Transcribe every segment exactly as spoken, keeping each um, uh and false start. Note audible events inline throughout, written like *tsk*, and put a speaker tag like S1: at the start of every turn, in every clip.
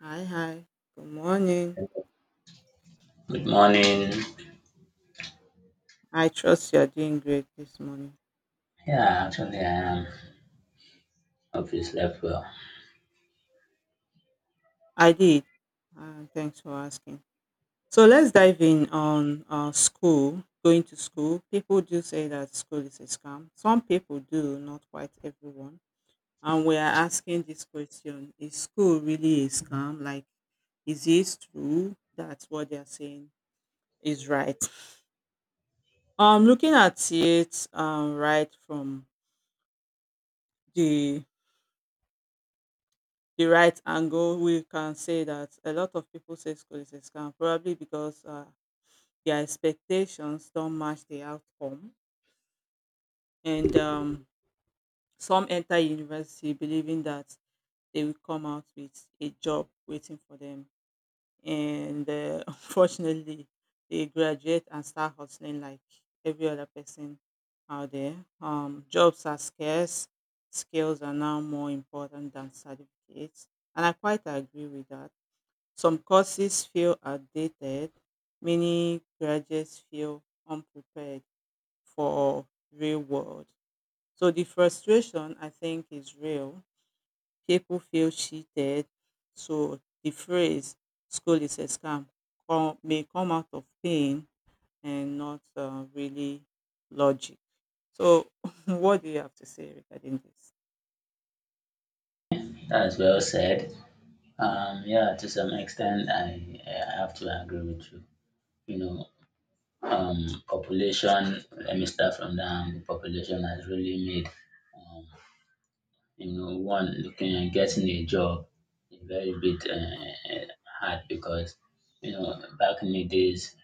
S1: Hi, hi. Good morning.
S2: Good morning.
S1: I trust you're doing great this morning.
S2: Yeah, actually, I am. Hope you slept well.
S1: I did. Uh, thanks for asking. So let's dive in on uh, school, going to school. People do say that school is a scam. Some people do, not quite everyone. And we are asking this question, is school really a scam? Like, is this true that what they're saying is right? Um, looking at it, um, right from the the right angle, we can say that a lot of people say school is a scam, probably because uh, their expectations don't match the outcome. And um, Some enter university believing that they will come out with a job waiting for them. And uh, *laughs* unfortunately, they graduate and start hustling like every other person out there. Um, jobs are scarce, skills are now more important than certificates. And I quite agree with that. Some courses feel outdated, many graduates feel unprepared for real world. So the frustration, I think, is real. People feel cheated. So the phrase school is a scam come, may come out of pain and not uh, really logic. So *laughs* what do you have to say regarding this?
S2: That is well said. Um, yeah, to some extent, I, I have to agree with you. You know, um, Population, let me start from that angle. Population has really made, um, you know, one looking at getting a job a very bit
S1: Mm,
S2: uh, hard because, you know, back in the days,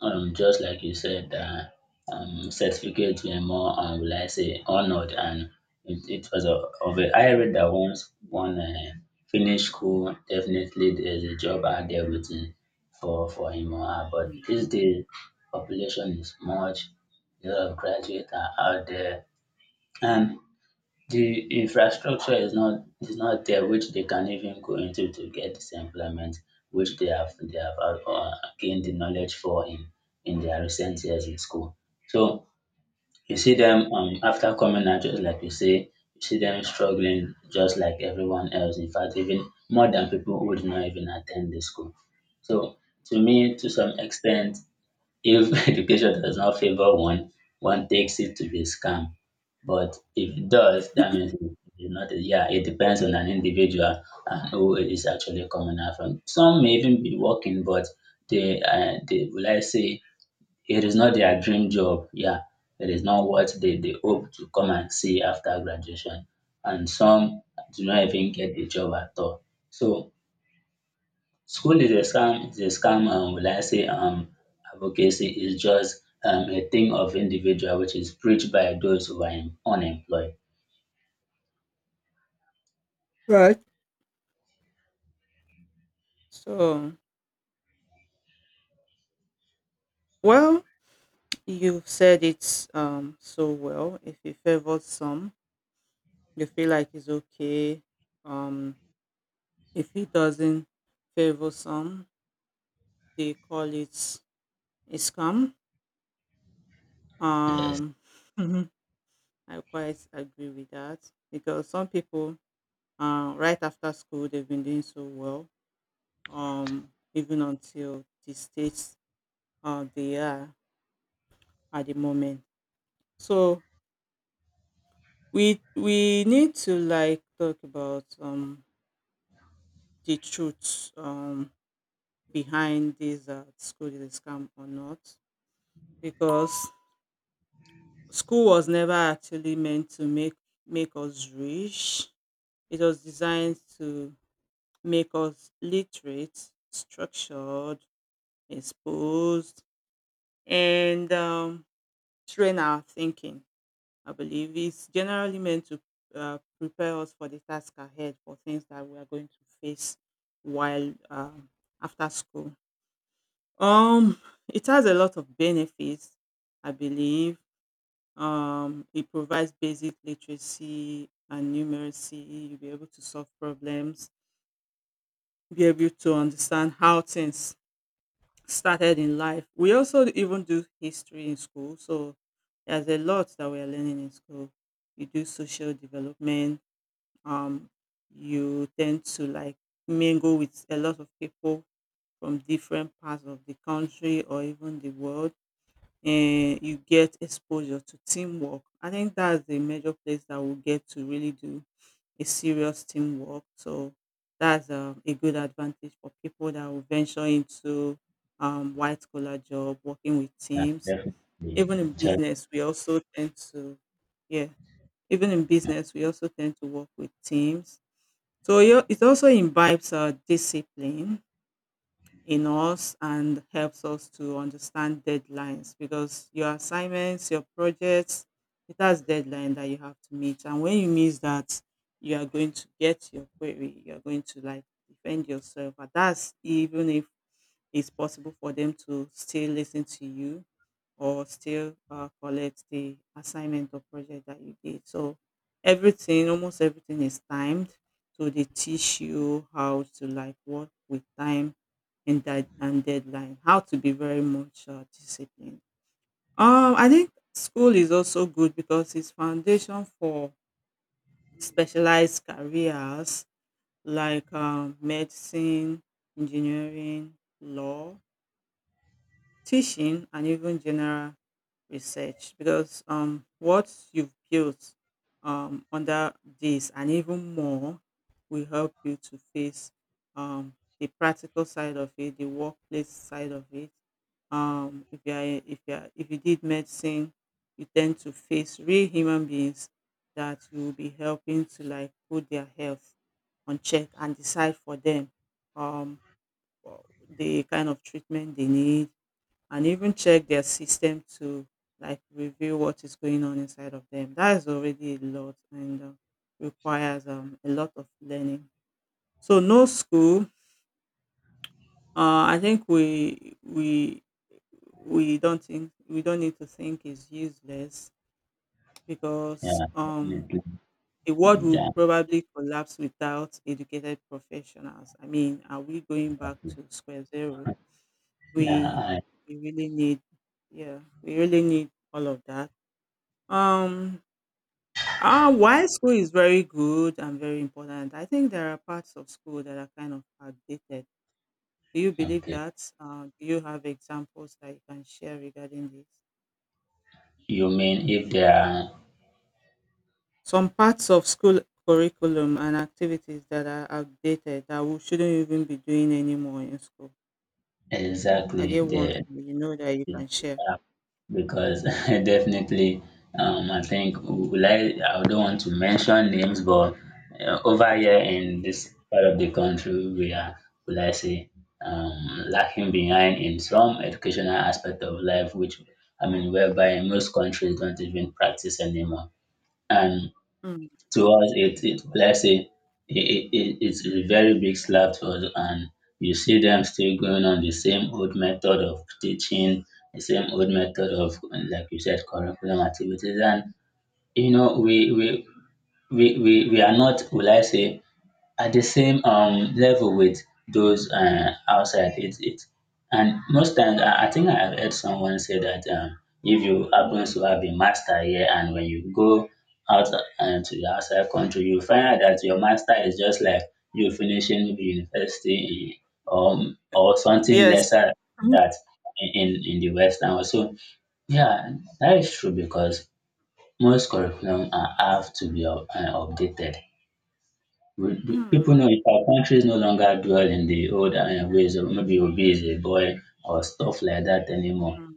S2: um just like you said that um certificate were more um will I say honored, and it, it was a of a
S1: mm,
S2: I read that once one uh, finished school, definitely there's a job out there waiting for for him or her. But
S1: mm,
S2: these days population is much, a lot of graduates are out there, and the infrastructure is not is not there which they can even go into to get this employment which they have they have uh, uh, gained the knowledge for in in their recent years in school. So you see
S1: mm.
S2: them, um, after coming out, just like you say, you see them struggling just like everyone else. In fact, even more than people who did not even attend the school. So to me, to some extent, if *laughs* education does not favor one, one takes it to be a scam. But if it does, that means it- it's not, yeah, it depends on an individual and who is actually coming out from. Some may even be working, but they, uh, they, will I say, it is not their dream job. Yeah, it is not what they, they hope to come and see after graduation. And some do not even get the job at all. So school is a scam, is a scam, and will I say um advocacy is just um a thing of individual which is preached by those who are em- unemployed.
S1: Right. So, well, you've said it um, so well. If he favors some, you feel like it's okay. Um, if he doesn't favor some, they call it a scam. Um, *laughs* I quite agree with that because some people, uh, right after school, they've been doing so well, um, even until the stage uh, they are at the moment. So we we need to like talk about um the truth, um, behind this, uh, school is a scam or not, because school was never actually meant to make make us rich. It was designed to make us literate, structured, exposed, and, um, train our thinking. I believe it's generally meant to uh, prepare us for the task ahead, for things that we are going to face while, um, after school. Um, it has a lot of benefits, I believe. Um, it provides basic literacy and numeracy. You'll be able to solve problems, be able to understand how things started in life. We also even do history in school, so there's a lot that we are learning in school. You do social development. Um, you tend to like mingle with a lot of people from different parts of the country or even the world. um you get exposure to teamwork. I think that's the major place that we get to really do a serious teamwork. So that's, um, a good advantage for people that will venture into, um, white collar job, working with
S2: Yeah,
S1: teams.
S2: definitely.
S1: Even in
S2: Check.
S1: business, we also tend to, yeah, even in business, we also tend to work with teams. So yo- it also imbibes uh, discipline in us and helps us to understand deadlines, because your assignments, your projects, it has deadline that you have to meet. And when you miss that, you are going to get your query. You're going to like defend yourself. And that's even if it's possible for them to still listen to you or still uh, collect the assignment or project that you did. So everything, almost everything is timed. So they teach you how to like work with time and that and deadline, how to be very much uh, disciplined. Um, I think school is also good because it's foundation for specialized careers like, um, medicine, engineering, law, teaching, and even general research, because um what you've built um under this and even more will help you to face um the practical side of it, the workplace side of it. Um if you are if you are, if you did medicine, you tend to face real human beings that you will be helping to like put their health on check and decide for them, um the kind of treatment they need, and even check their system to like review what is going on inside of them. That is already a lot and uh, requires, um, a lot of learning. So no school. Uh, I think we we we don't think we don't need to think is useless, because
S2: Yeah,
S1: um
S2: definitely.
S1: the world will
S2: Yeah,
S1: probably collapse without educated professionals. I mean, are we going back
S2: exactly.
S1: to square zero?
S2: Yeah,
S1: We
S2: I,
S1: we really need, yeah, we really need all of that. Um, uh, while school is very good and very important, I think there are parts of school that are kind of outdated. Do you believe
S2: okay.
S1: that? Uh, do you have examples that you can share regarding this?
S2: You mean if they are
S1: Some parts of school curriculum and activities that are outdated that we shouldn't even be doing anymore in school. Are
S2: exactly
S1: there ones
S2: there
S1: that you know that you can share?
S2: app because *laughs* I definitely. um, I think, will I, I don't want to mention names, but uh, over here in
S1: Mm,
S2: this part of the country, we are, will I say, um, lacking behind in some educational aspect of life, which, I mean, whereby most countries don't even practice anymore. And
S1: mm,
S2: to us it it, let's say, it, it, it- it's a very big slap to us. And you see them still going on the same old method of teaching, the same old method of, like you said, curriculum activities. And you know we we we, we, we are not, will I say, at the same um, level with those uh, outside. It, it, and most times, I, I think I have heard someone say that, um, if you happen to have a master here and when you go out uh, to the outside country, you find out that your master is just like you finishing maybe university, eh, um, or something
S1: yes.
S2: lesser than
S1: Mhm.
S2: that, in, in, in the Western world. So yeah, that is true because most curriculum uh, have to be up, uh, updated. We- we- People
S1: Mm,
S2: know, if our countries no longer dwell in the old uh, ways of maybe Obi is a boy or stuff like that anymore.
S1: mm,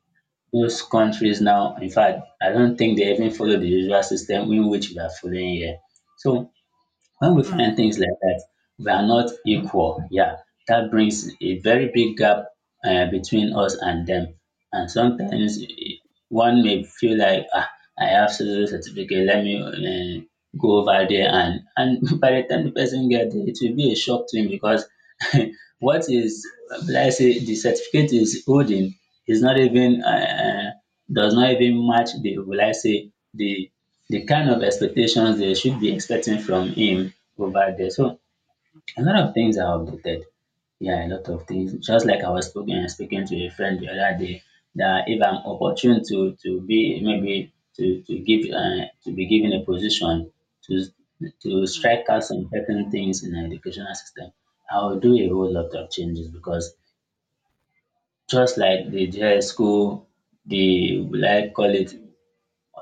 S2: Those countries now, in
S1: mm,
S2: fact, I don't think they even follow the usual system in which we are following here. So when we find
S1: mm,
S2: things like that, we are not equal. Yeah, that brings a very big gap uh, between us and them. And sometimes, eh, one may feel like, ah, I have social certificate, let me uh, go over there. And, and *laughs* by the time the person gets there, it will be a shock to him because *laughs* what is, let's say, the certificate is holding is not even, uh, uh, does not even match the, will I say, the the kind of expectations they should be expecting from him over there. So a lot of things are outdated. Yeah, a lot of things. Just like I was speaking speaking to a friend the other day, that if I'm opportune to to be, maybe to to give uh, to be given a position to to
S1: mm,
S2: strike out some certain things in the educational system, I will do a whole lot of changes, because just like the dress school, the, will I call it,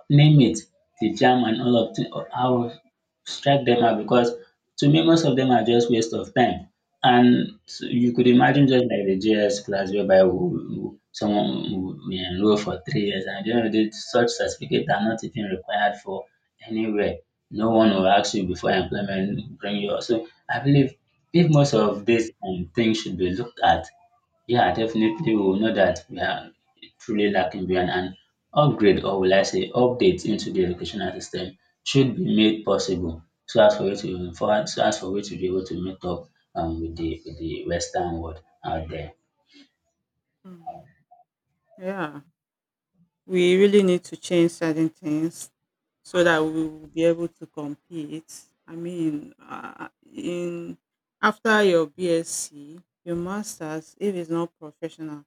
S2: name it, the jam and all of the, I will strike them out, because to me most of them are just waste of time. And so you could
S1: mm,
S2: imagine, just like the J S class whereby, we, we, someone will will enroll for three years, and at the end of the day such certificate are not even required for anywhere. No one will ask you, before employment, bring you. So I believe, if most
S1: mm,
S2: of these um, things should be looked at, yeah, definitely, we will know that we are truly lacking behind, and upgrade, or will I say updates, into the educational system should be made possible, so as for it to, for, so as for it to be able to meet up um, with the with the Western world out there.
S1: mm. Yeah. We really need to change certain things so that we will be able to compete. I mean, uh, in after your BSc, your master's, if it's not professional,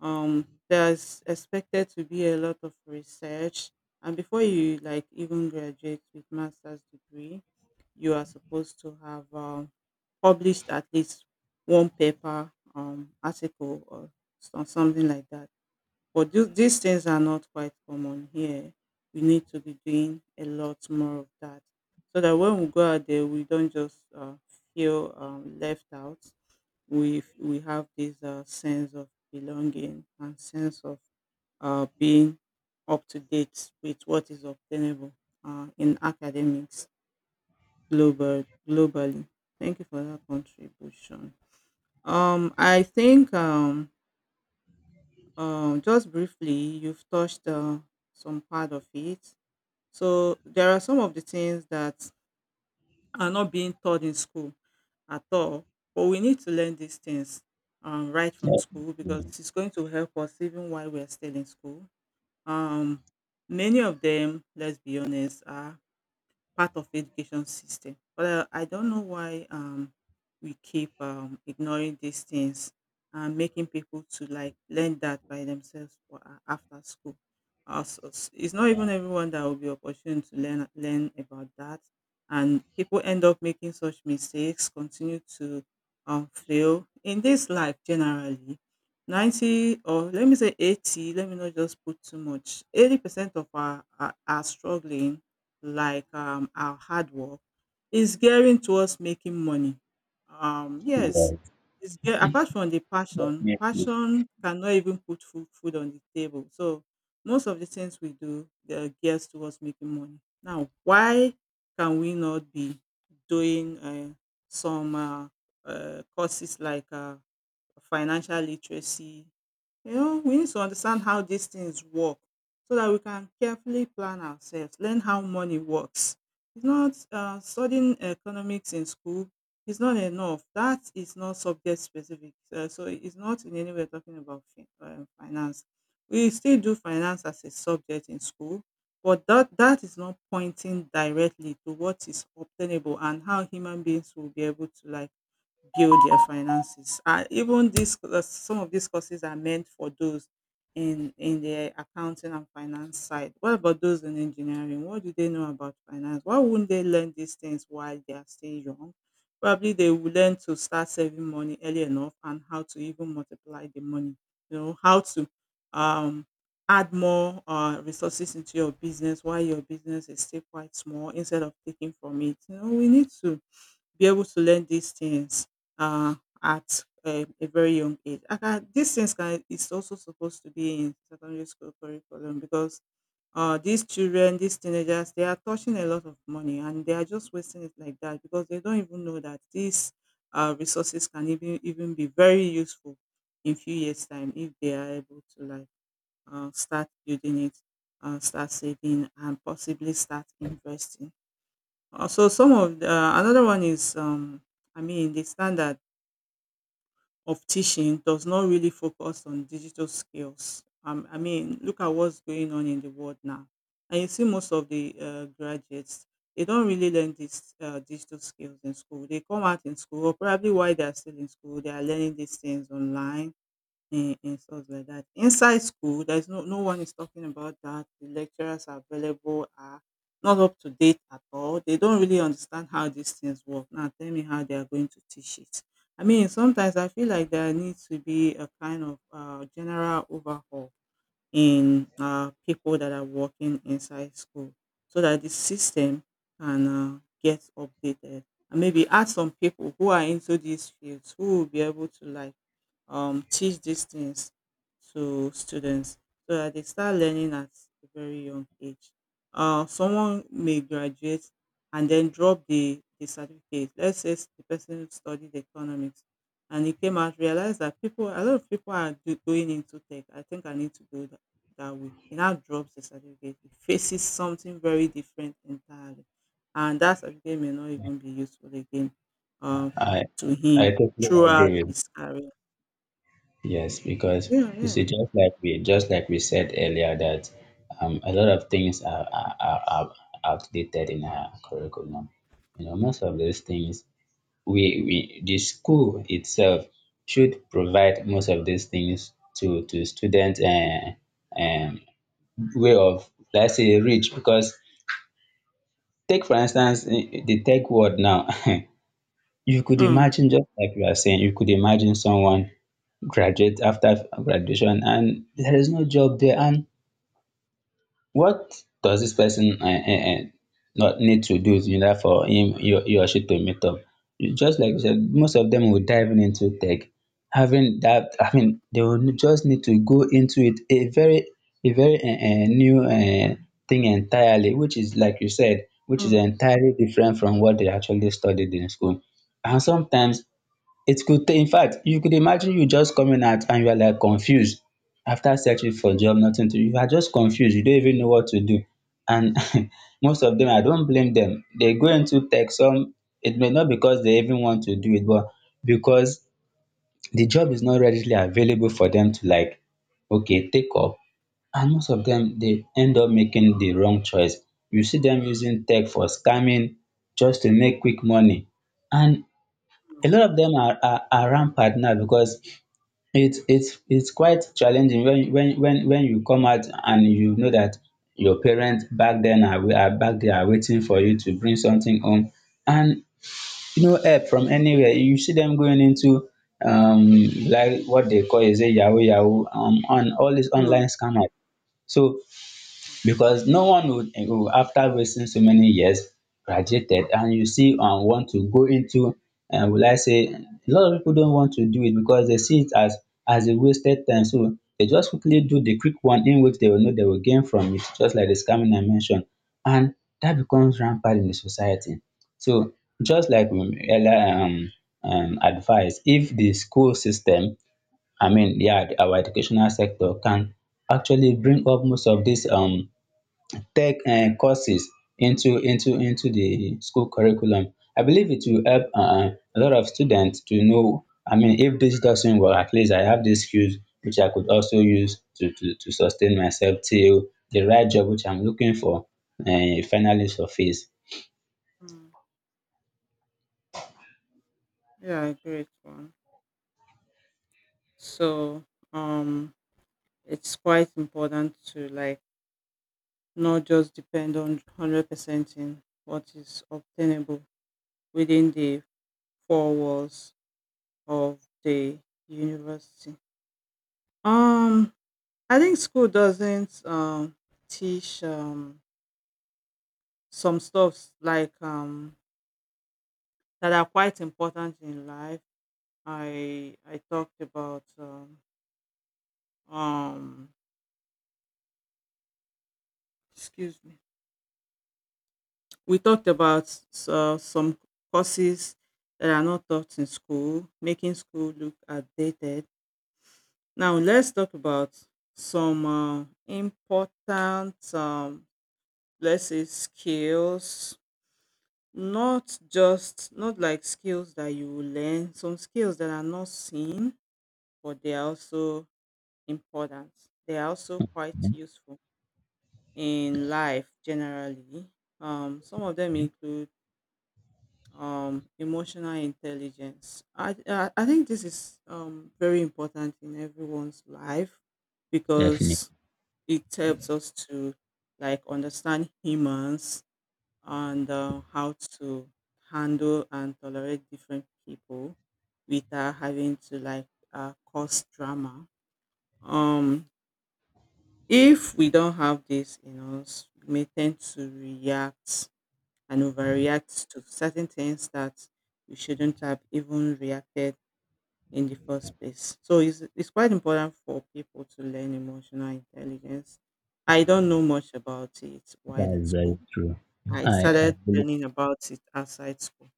S1: um, there's expected to be a lot of research, and before you like even graduate with master's degree, you are supposed to have, um, published at least one paper, um, article, or some- something like that, but tho- these things are not quite common here. We need to be doing a lot more of that, so that when we go out there, we don't just uh, feel, um, left out. We f- we have this uh, sense of belonging and sense of uh, being up to date with what is obtainable uh, in academics, global globally. Thank you for that contribution. Um, I think um, Um, just briefly, you've touched uh, some part of it. So there are some of the things that are not being taught in school at all, but we need to learn these things, um, right from school because
S2: Definitely.
S1: it's going to help us even while we are still in school. Um, many of them, let's be honest, are part of education system. But uh, I don't know why, um, we keep, um, ignoring these things and making people to like learn that by themselves for, uh, after school. Uh, so s- it's not
S2: Yeah.
S1: even everyone that will be opportune to learn learn about that, and people end up making such mistakes, continue to, um, fail in this life generally. ninety, or let me say eighty, let me not just put too much, eighty percent of our are, are struggling like, um, our hard work is gearing towards making money. Um, yes,
S2: Yes,
S1: it's ge- apart from the passion,
S2: definitely.
S1: passion cannot even put food, food on the table. So most of the things we do, they're geared towards making money. Now, why can we not be doing, uh, some, uh, uh, courses like, uh, financial literacy? You know, we need to understand how these things work so that we can carefully plan ourselves, learn how money works. It's not, uh, studying economics in school is not enough. That is not subject specific. Uh, so it's not in any way talking about fin- uh, finance. We still do finance as a subject in school, but that that is not pointing directly to what is obtainable and how human beings will be able to like build their finances. And even this, uh, some of these courses are meant for those in in the accounting and finance side. What about those in engineering? What do they know about finance? Why wouldn't they learn these things while they are still young? Probably they will learn to start saving money early enough, and how to even multiply the money. You know, how to um add more, uh, resources into your business while your business is still quite small, instead of taking from it. You know, we need to be able to learn these things, uh, at a, a very young age. I can, these things can is also supposed to be in secondary school curriculum, because uh, these children, these teenagers, they are touching a lot of money and they are just wasting it like that, because they don't even know that these, uh, resources can even even be very useful in few years time, if they are able to like, uh, start building it, uh, start saving, and possibly start investing. Also, some of the, uh, another one is, um, I mean, the standard of teaching does not really focus on digital skills. Um, I mean, look at what's going on in the world now, and you see most of the, uh, graduates, they don't really learn these, uh, digital skills in school. They come out in school, or probably while they are still in school, they are learning these things online and and stuff like that. Inside school, there's no no one is talking about that. The lecturers are available are not up to date at all. They don't really understand how these things work. Now tell me how they are going to teach it. I mean, sometimes I feel like there needs to be a kind of uh, general overhaul in uh, people that are working inside school so that the system can uh, get updated, and maybe add some people who are into these fields who will be able to like um, teach these things to students so that they start learning at a very young age. Uh, someone may graduate and then drop the, the certificate. Let's say s- the person studied economics, and he came out, realized that people, a lot of people are do, going into tech. I think I need to go that, that way. He now drops the certificate. He faces something very different entirely. And that certificate may not even be useful again uh,
S2: I
S1: to
S2: I
S1: him
S2: totally
S1: throughout
S2: agree with.
S1: his career.
S2: Yes, because
S1: Yeah,
S2: you
S1: yeah.
S2: see, just like we, just like we said earlier, that um, a lot of things are, are, are, are outdated in our curriculum. You know, most of those things, we, we the school itself should provide most of these things to to students, and um, way of, let's say, reach. Because take for instance, eh, the tech world now. *laughs* You could
S1: Mm,
S2: imagine, just like you are saying, you could imagine someone graduate, after graduation and there is no job there, and what does this person uh, uh, uh, not need to do in order for him, you you he or she, to meet up. You- just like you said, most of them will dive in into tech, having that, I mean, they will just need to go into it, a very a very uh, uh, new uh, thing entirely, which is, like you said, which is
S1: mm,
S2: entirely different from what they actually studied in school. And sometimes it could take, in fact, you could imagine you just coming out and you are like confused. After searching for job, nothing to, you are just confused, you don't even know what to do. And *laughs* most of them, I don't blame them, they go into tech. Some, it may not because they even want to do it, but because the job is not readily available for them to, like, okay, take up. And most of them, they end up making the wrong choice. You see them using tech for scamming, just to make quick money. And a
S1: mm,
S2: lot of them are, are, are rampant now, because it's it's it's quite challenging when when when when you come out and you know that your parents back then are, wai- are back there are waiting for you to bring something home and no help from anywhere. You see them going into, um like what they call is a yahoo yahoo, um on all these online
S1: mm,
S2: scammers. So because no one would, would after wasting so many years, graduated, and you see, um want to go into, um will I say, a lot of people don't want to do it because they see it as as a wasted time, so they just quickly do the quick one in which they will know they will gain from it, just like the scamming I mentioned. And that becomes rampant in the society. So just like we earlier, um um advised, if the school system, I mean, yeah, our educational sector can actually bring up most of these um tech um courses into into into the school curriculum. I believe it will help um a lot of students to know, I mean, if this doesn't work, at least I have these skills which I could also use to to to sustain myself till the right job which I'm looking for um finally surface.
S1: mm. Yeah, I agree with one. So, um, it's quite important to like not just depend on one hundred percent in what is obtainable within the four walls of the university. Um, I think school doesn't um teach um some stuffs like um that are quite important in life. I I talked about um um excuse me, we talked about uh, some courses that are not taught in school, making school look outdated. Now let's talk about some uh, important um, let's say skills. Not just not like skills that you will learn, some skills that are not seen but they are also important, they are also quite
S2: Mhm.
S1: useful in life generally. Um, some of them
S2: Yeah,
S1: include um, emotional intelligence. I, I I think this is um, very important in everyone's life,
S2: definitely.
S1: because it helps us to like understand humans, and uh, how to handle and tolerate different people without having to like uh, cause drama. Um, if we don't have this in us, we may tend to react and overreact to certain things that you shouldn't have even reacted in the first place. So it's, it's quite important for people to learn emotional intelligence. I don't know much about it while in school. I
S2: I
S1: started learning about it outside school.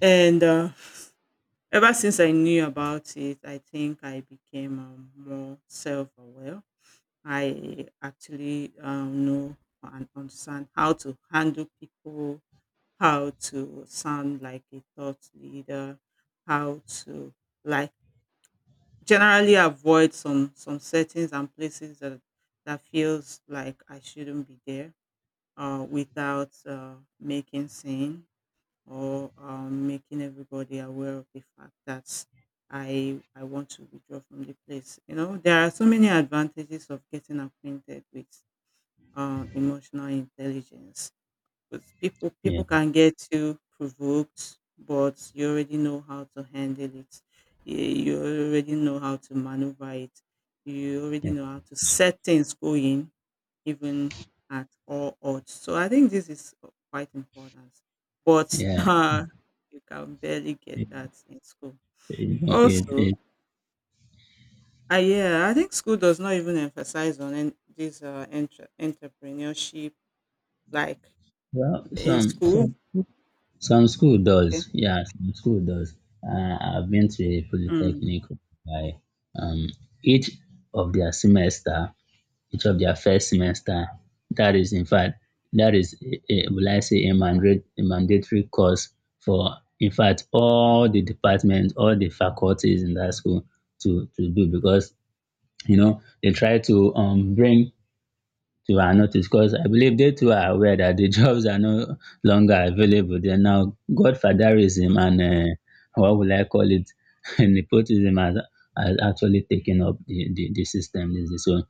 S1: And uh, ever since I knew about it, I think I became um, more self aware. I actually um, know and understand how to handle people, how to sound like a thought leader, how to like generally avoid some some settings and places that that feels like I shouldn't be there, uh, without uh, making scene or um, making everybody aware of the fact that I I want to withdraw from the place. You know, there are so many advantages of getting acquainted with uh, emotional intelligence. 'Cause people
S2: Yeah,
S1: people can get too provoked, but you already know how to handle it. Y- You already know how to maneuver it. You already
S2: yeah,
S1: know how to set things going even at all odds. So I think this is quite important. But *laughs*
S2: yeah.
S1: uh, you can barely
S2: It,
S1: get
S2: it,
S1: that in school.
S2: you know, it,
S1: Also,
S2: it,
S1: uh, yeah, I think school does not even emphasize on en- this uh, entre- entrepreneurship like
S2: well,
S1: in
S2: some
S1: school.
S2: some Some school
S1: Okay.
S2: does, yeah, some school does. Uh, I've been to a
S1: Mm,
S2: polytechnic by, um, each of their semester, each of their first semester. That is, in fact, that is, a, a- will I say, a, mandate, a mandatory course for, in fact, all the departments, all the faculties in that school to to do. Because you know they try to um bring to our notice, because I believe they too are aware that the *laughs* jobs are no longer available. They're now godfatherism,
S1: mm,
S2: and uh, what will I call it? *laughs* Nepotism has, has actually taken up the, the, the system. This is- So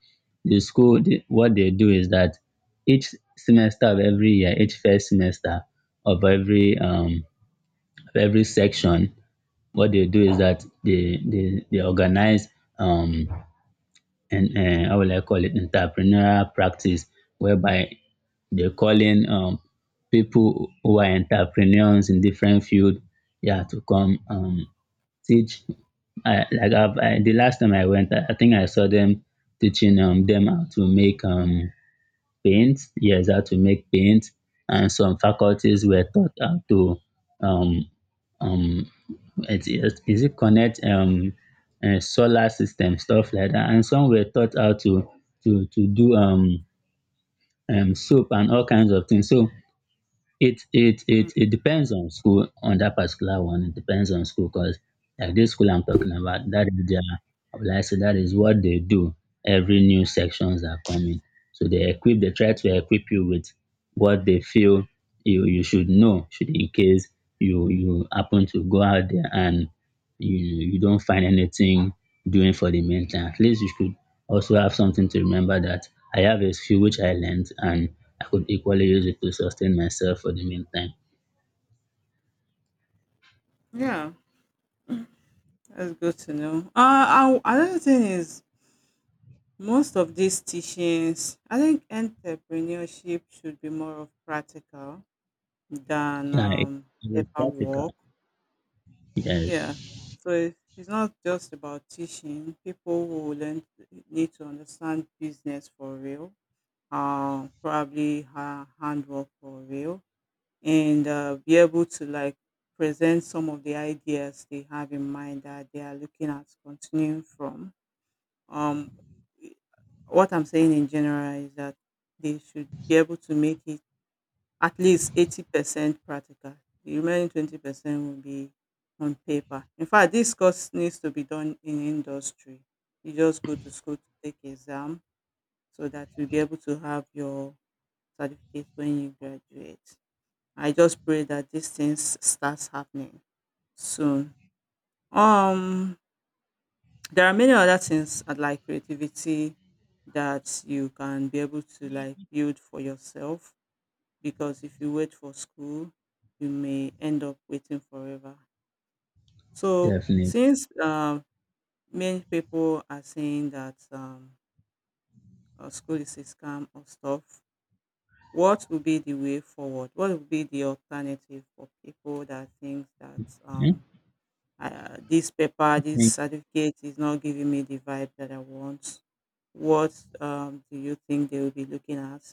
S2: the school, the, what they do is that each semester of every year, each first semester of every um, of every section, what they do is that they they, they organize um, and uh, how will I call it, entrepreneurial practice whereby they're
S1: Mm,
S2: calling um, people who are entrepreneurs in different field, yeah, to come, um, teach. I, like I've, I, The last time I went, I, I think I saw them teaching um, them how to make um, paint. Yes, how to make paint, and some faculties were taught how to um, um, it, it, is it connect um, uh, solar system, stuff like that, and some were taught how to to to do um, um, soap and all kinds of things. So it it it
S1: mm,
S2: it depends on school on that particular one. It depends on school because like this school I'm talking about, that is their, like I said, that is what they do. Every new sections are coming, so they equip. They try to equip you with what they feel you you should
S1: mm.
S2: know, should in case you you happen to go out there and you you don't find anything doing for the meantime, at least you should also have something to remember that I have a skill which I learned and I could equally use it to sustain myself for the meantime.
S1: Yeah, that's good to know. Uh, I, another thing is most of these teachings, I think entrepreneurship should be more of practical than
S2: Yeah, it,
S1: um,
S2: it is practical.
S1: paperwork. Yeah,
S2: Yes,
S1: so it, it's not just about teaching. People who learn need to understand business for real. Uh, probably ha- handwork for real, and uh, be able to like present some of the ideas they have in mind that they are looking at continuing from. Um, what I'm saying in general is that they should be able to make it at least eighty percent practical. The remaining twenty percent will be on paper. In fact, this course needs to be done in industry. You just go to school to take exam so that you'll be able to have your certificate when you graduate. I just pray that these things starts happening soon. Um, there are many other things uh, like creativity that you can be able to like build for yourself, because if you wait for school, you may end up waiting forever. So
S2: definitely.
S1: since um, many people are saying that um, uh, school is a scam or stuff, what will be the way forward? What will be the alternative for people that think that
S2: Eh?
S1: um, uh, this paper, this
S2: Mm.
S1: certificate is not giving me the vibe that I want. What um, do you think they will be looking at?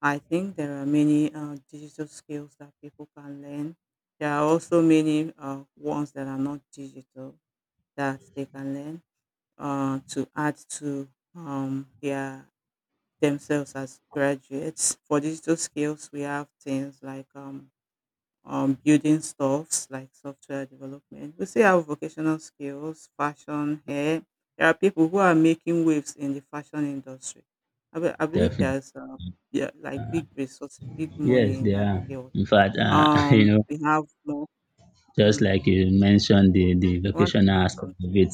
S1: I think there are many uh, digital skills that people can learn. There are also many uh, ones that are not digital that they can learn uh, to add to um, their themselves as graduates. For digital skills, we have things like um, um, building stuffs like software development. We still have vocational skills, fashion, hair. There are people who are making waves in the fashion industry. I, be- I believe
S2: Definitely.
S1: there's uh, yeah, like big resources, big
S2: Yes,
S1: money in
S2: they
S1: that
S2: are.
S1: field.
S2: In fact, uh, *laughs* you
S1: Um,
S2: know,
S1: we have more.
S2: just
S1: Mm,
S2: like you mentioned the, the
S1: want to
S2: vocational
S1: say
S2: aspect
S1: something?
S2: of it,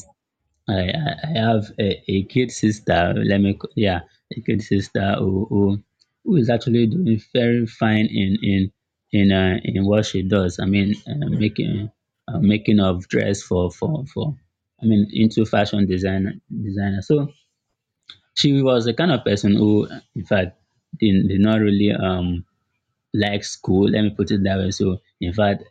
S2: I I I have a, a kid sister. Let me c- yeah, a kid sister who, who who is actually doing very fine in in in uh, in what she does. I mean, uh, making uh, making of dress for for for. I mean, into
S1: Mm,
S2: fashion design designer. So she was the kind of person who, in fact, did, did not really um like school, let me put it that way. So, in fact,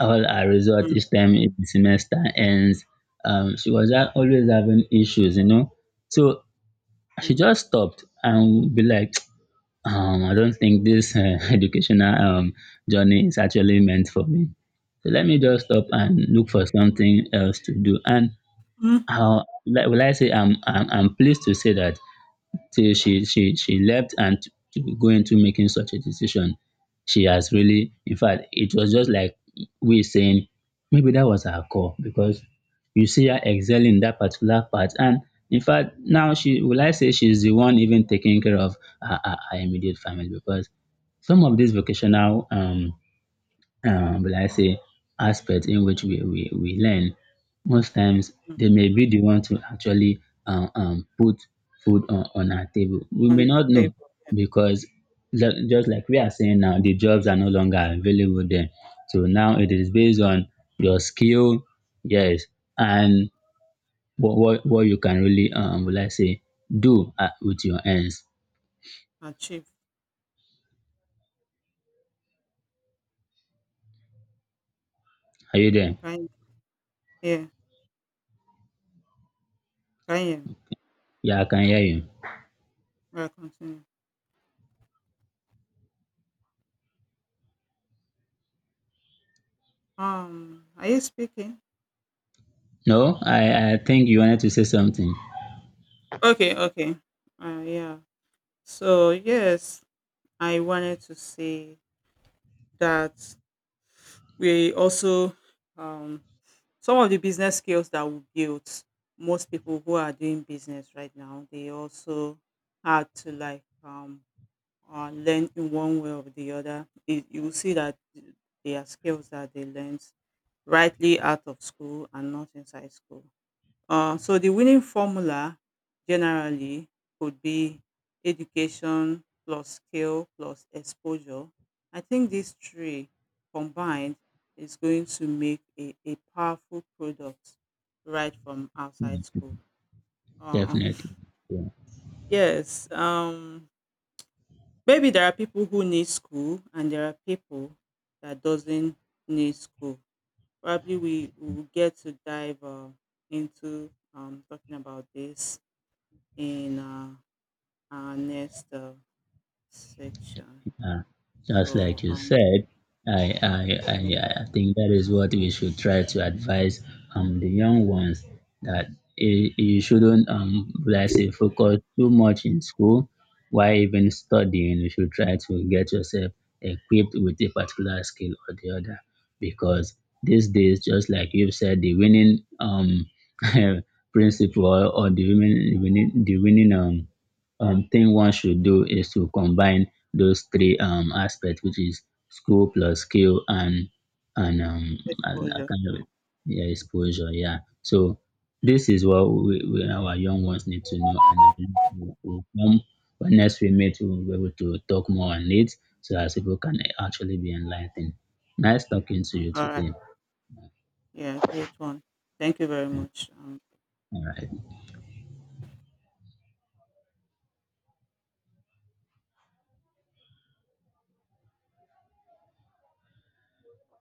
S2: all her result
S1: mm,
S2: each time the semester ends, um, she was ha- always having issues, you know. So she
S1: mm,
S2: just stopped and be like, *tsk* um, I don't think this uh, *laughs* educational um, journey is actually meant for me. So let me just stop and look for something else to do. And
S1: mm,
S2: how, like, will I say, I'm, I'm, I'm pleased to say that till she she she left and to to go into making such a decision, she has really, in fact, it was just like we saying maybe that was her call because you see her excelling in that particular part. And in fact, now she, will I say, she's the one even taking care of her, her, her immediate family because some of these vocational um um, will I say, aspect in which we, we, we learn, most times
S1: mm,
S2: they may be the one to actually um, um, put food on, on our table. We
S1: on
S2: may
S1: the
S2: not know
S1: table.
S2: because ju- just like we are saying now, the jobs are no longer available then. So now it is based on your skill, yes, and what, what, what you can really, um, will I say, do uh, with your hands.
S1: Achieve.
S2: Are you there?
S1: Can Yeah, can.
S2: Yeah, I can hear you.
S1: Well, continue. Um, are you speaking?
S2: No, I, I think you wanted to say something.
S1: Okay, okay. Uh, yeah. So yes, I wanted to say that we also um, some of the business skills that we built. Most people who are doing business right now, they also had to like um, uh, learn in one way or the other. It, you will see that they are skills that they learned rightly out of school and not inside school. Uh, so the winning formula generally could be education plus skill plus exposure. I think these three combined is going to make a, a powerful product right from outside school. Uh,
S2: Definitely.
S1: *laughs* yes, um, maybe there are people who need school, and there are people that doesn't need school. Probably we we will get to dive uh, into um, talking about this in uh, our next uh, section.
S2: Uh, just
S1: So
S2: like you
S1: um,
S2: said, I, I,
S1: yeah,
S2: I, I think that is what we should try to advise um, the young ones that you you shouldn't, um, let's say, focus too much in school. Why even studying? You should try to get yourself equipped with a particular skill or the other. Because these days, just like you've said, the winning um, *laughs* principle or the winning, the winning, the winning um, um, thing one should do is to combine those three um, aspects, which is school plus skill and and um and a
S1: exposure.
S2: kind of, yeah, exposure. Yeah. So this is what we, we our young ones need to know, and I believe we'll, we'll come when next we meet, we'll be able to talk more on it, so as people can actually be enlightened. Nice talking to you
S1: All right.
S2: today.
S1: Yeah, great one. Thank you very much. Um,
S2: All right.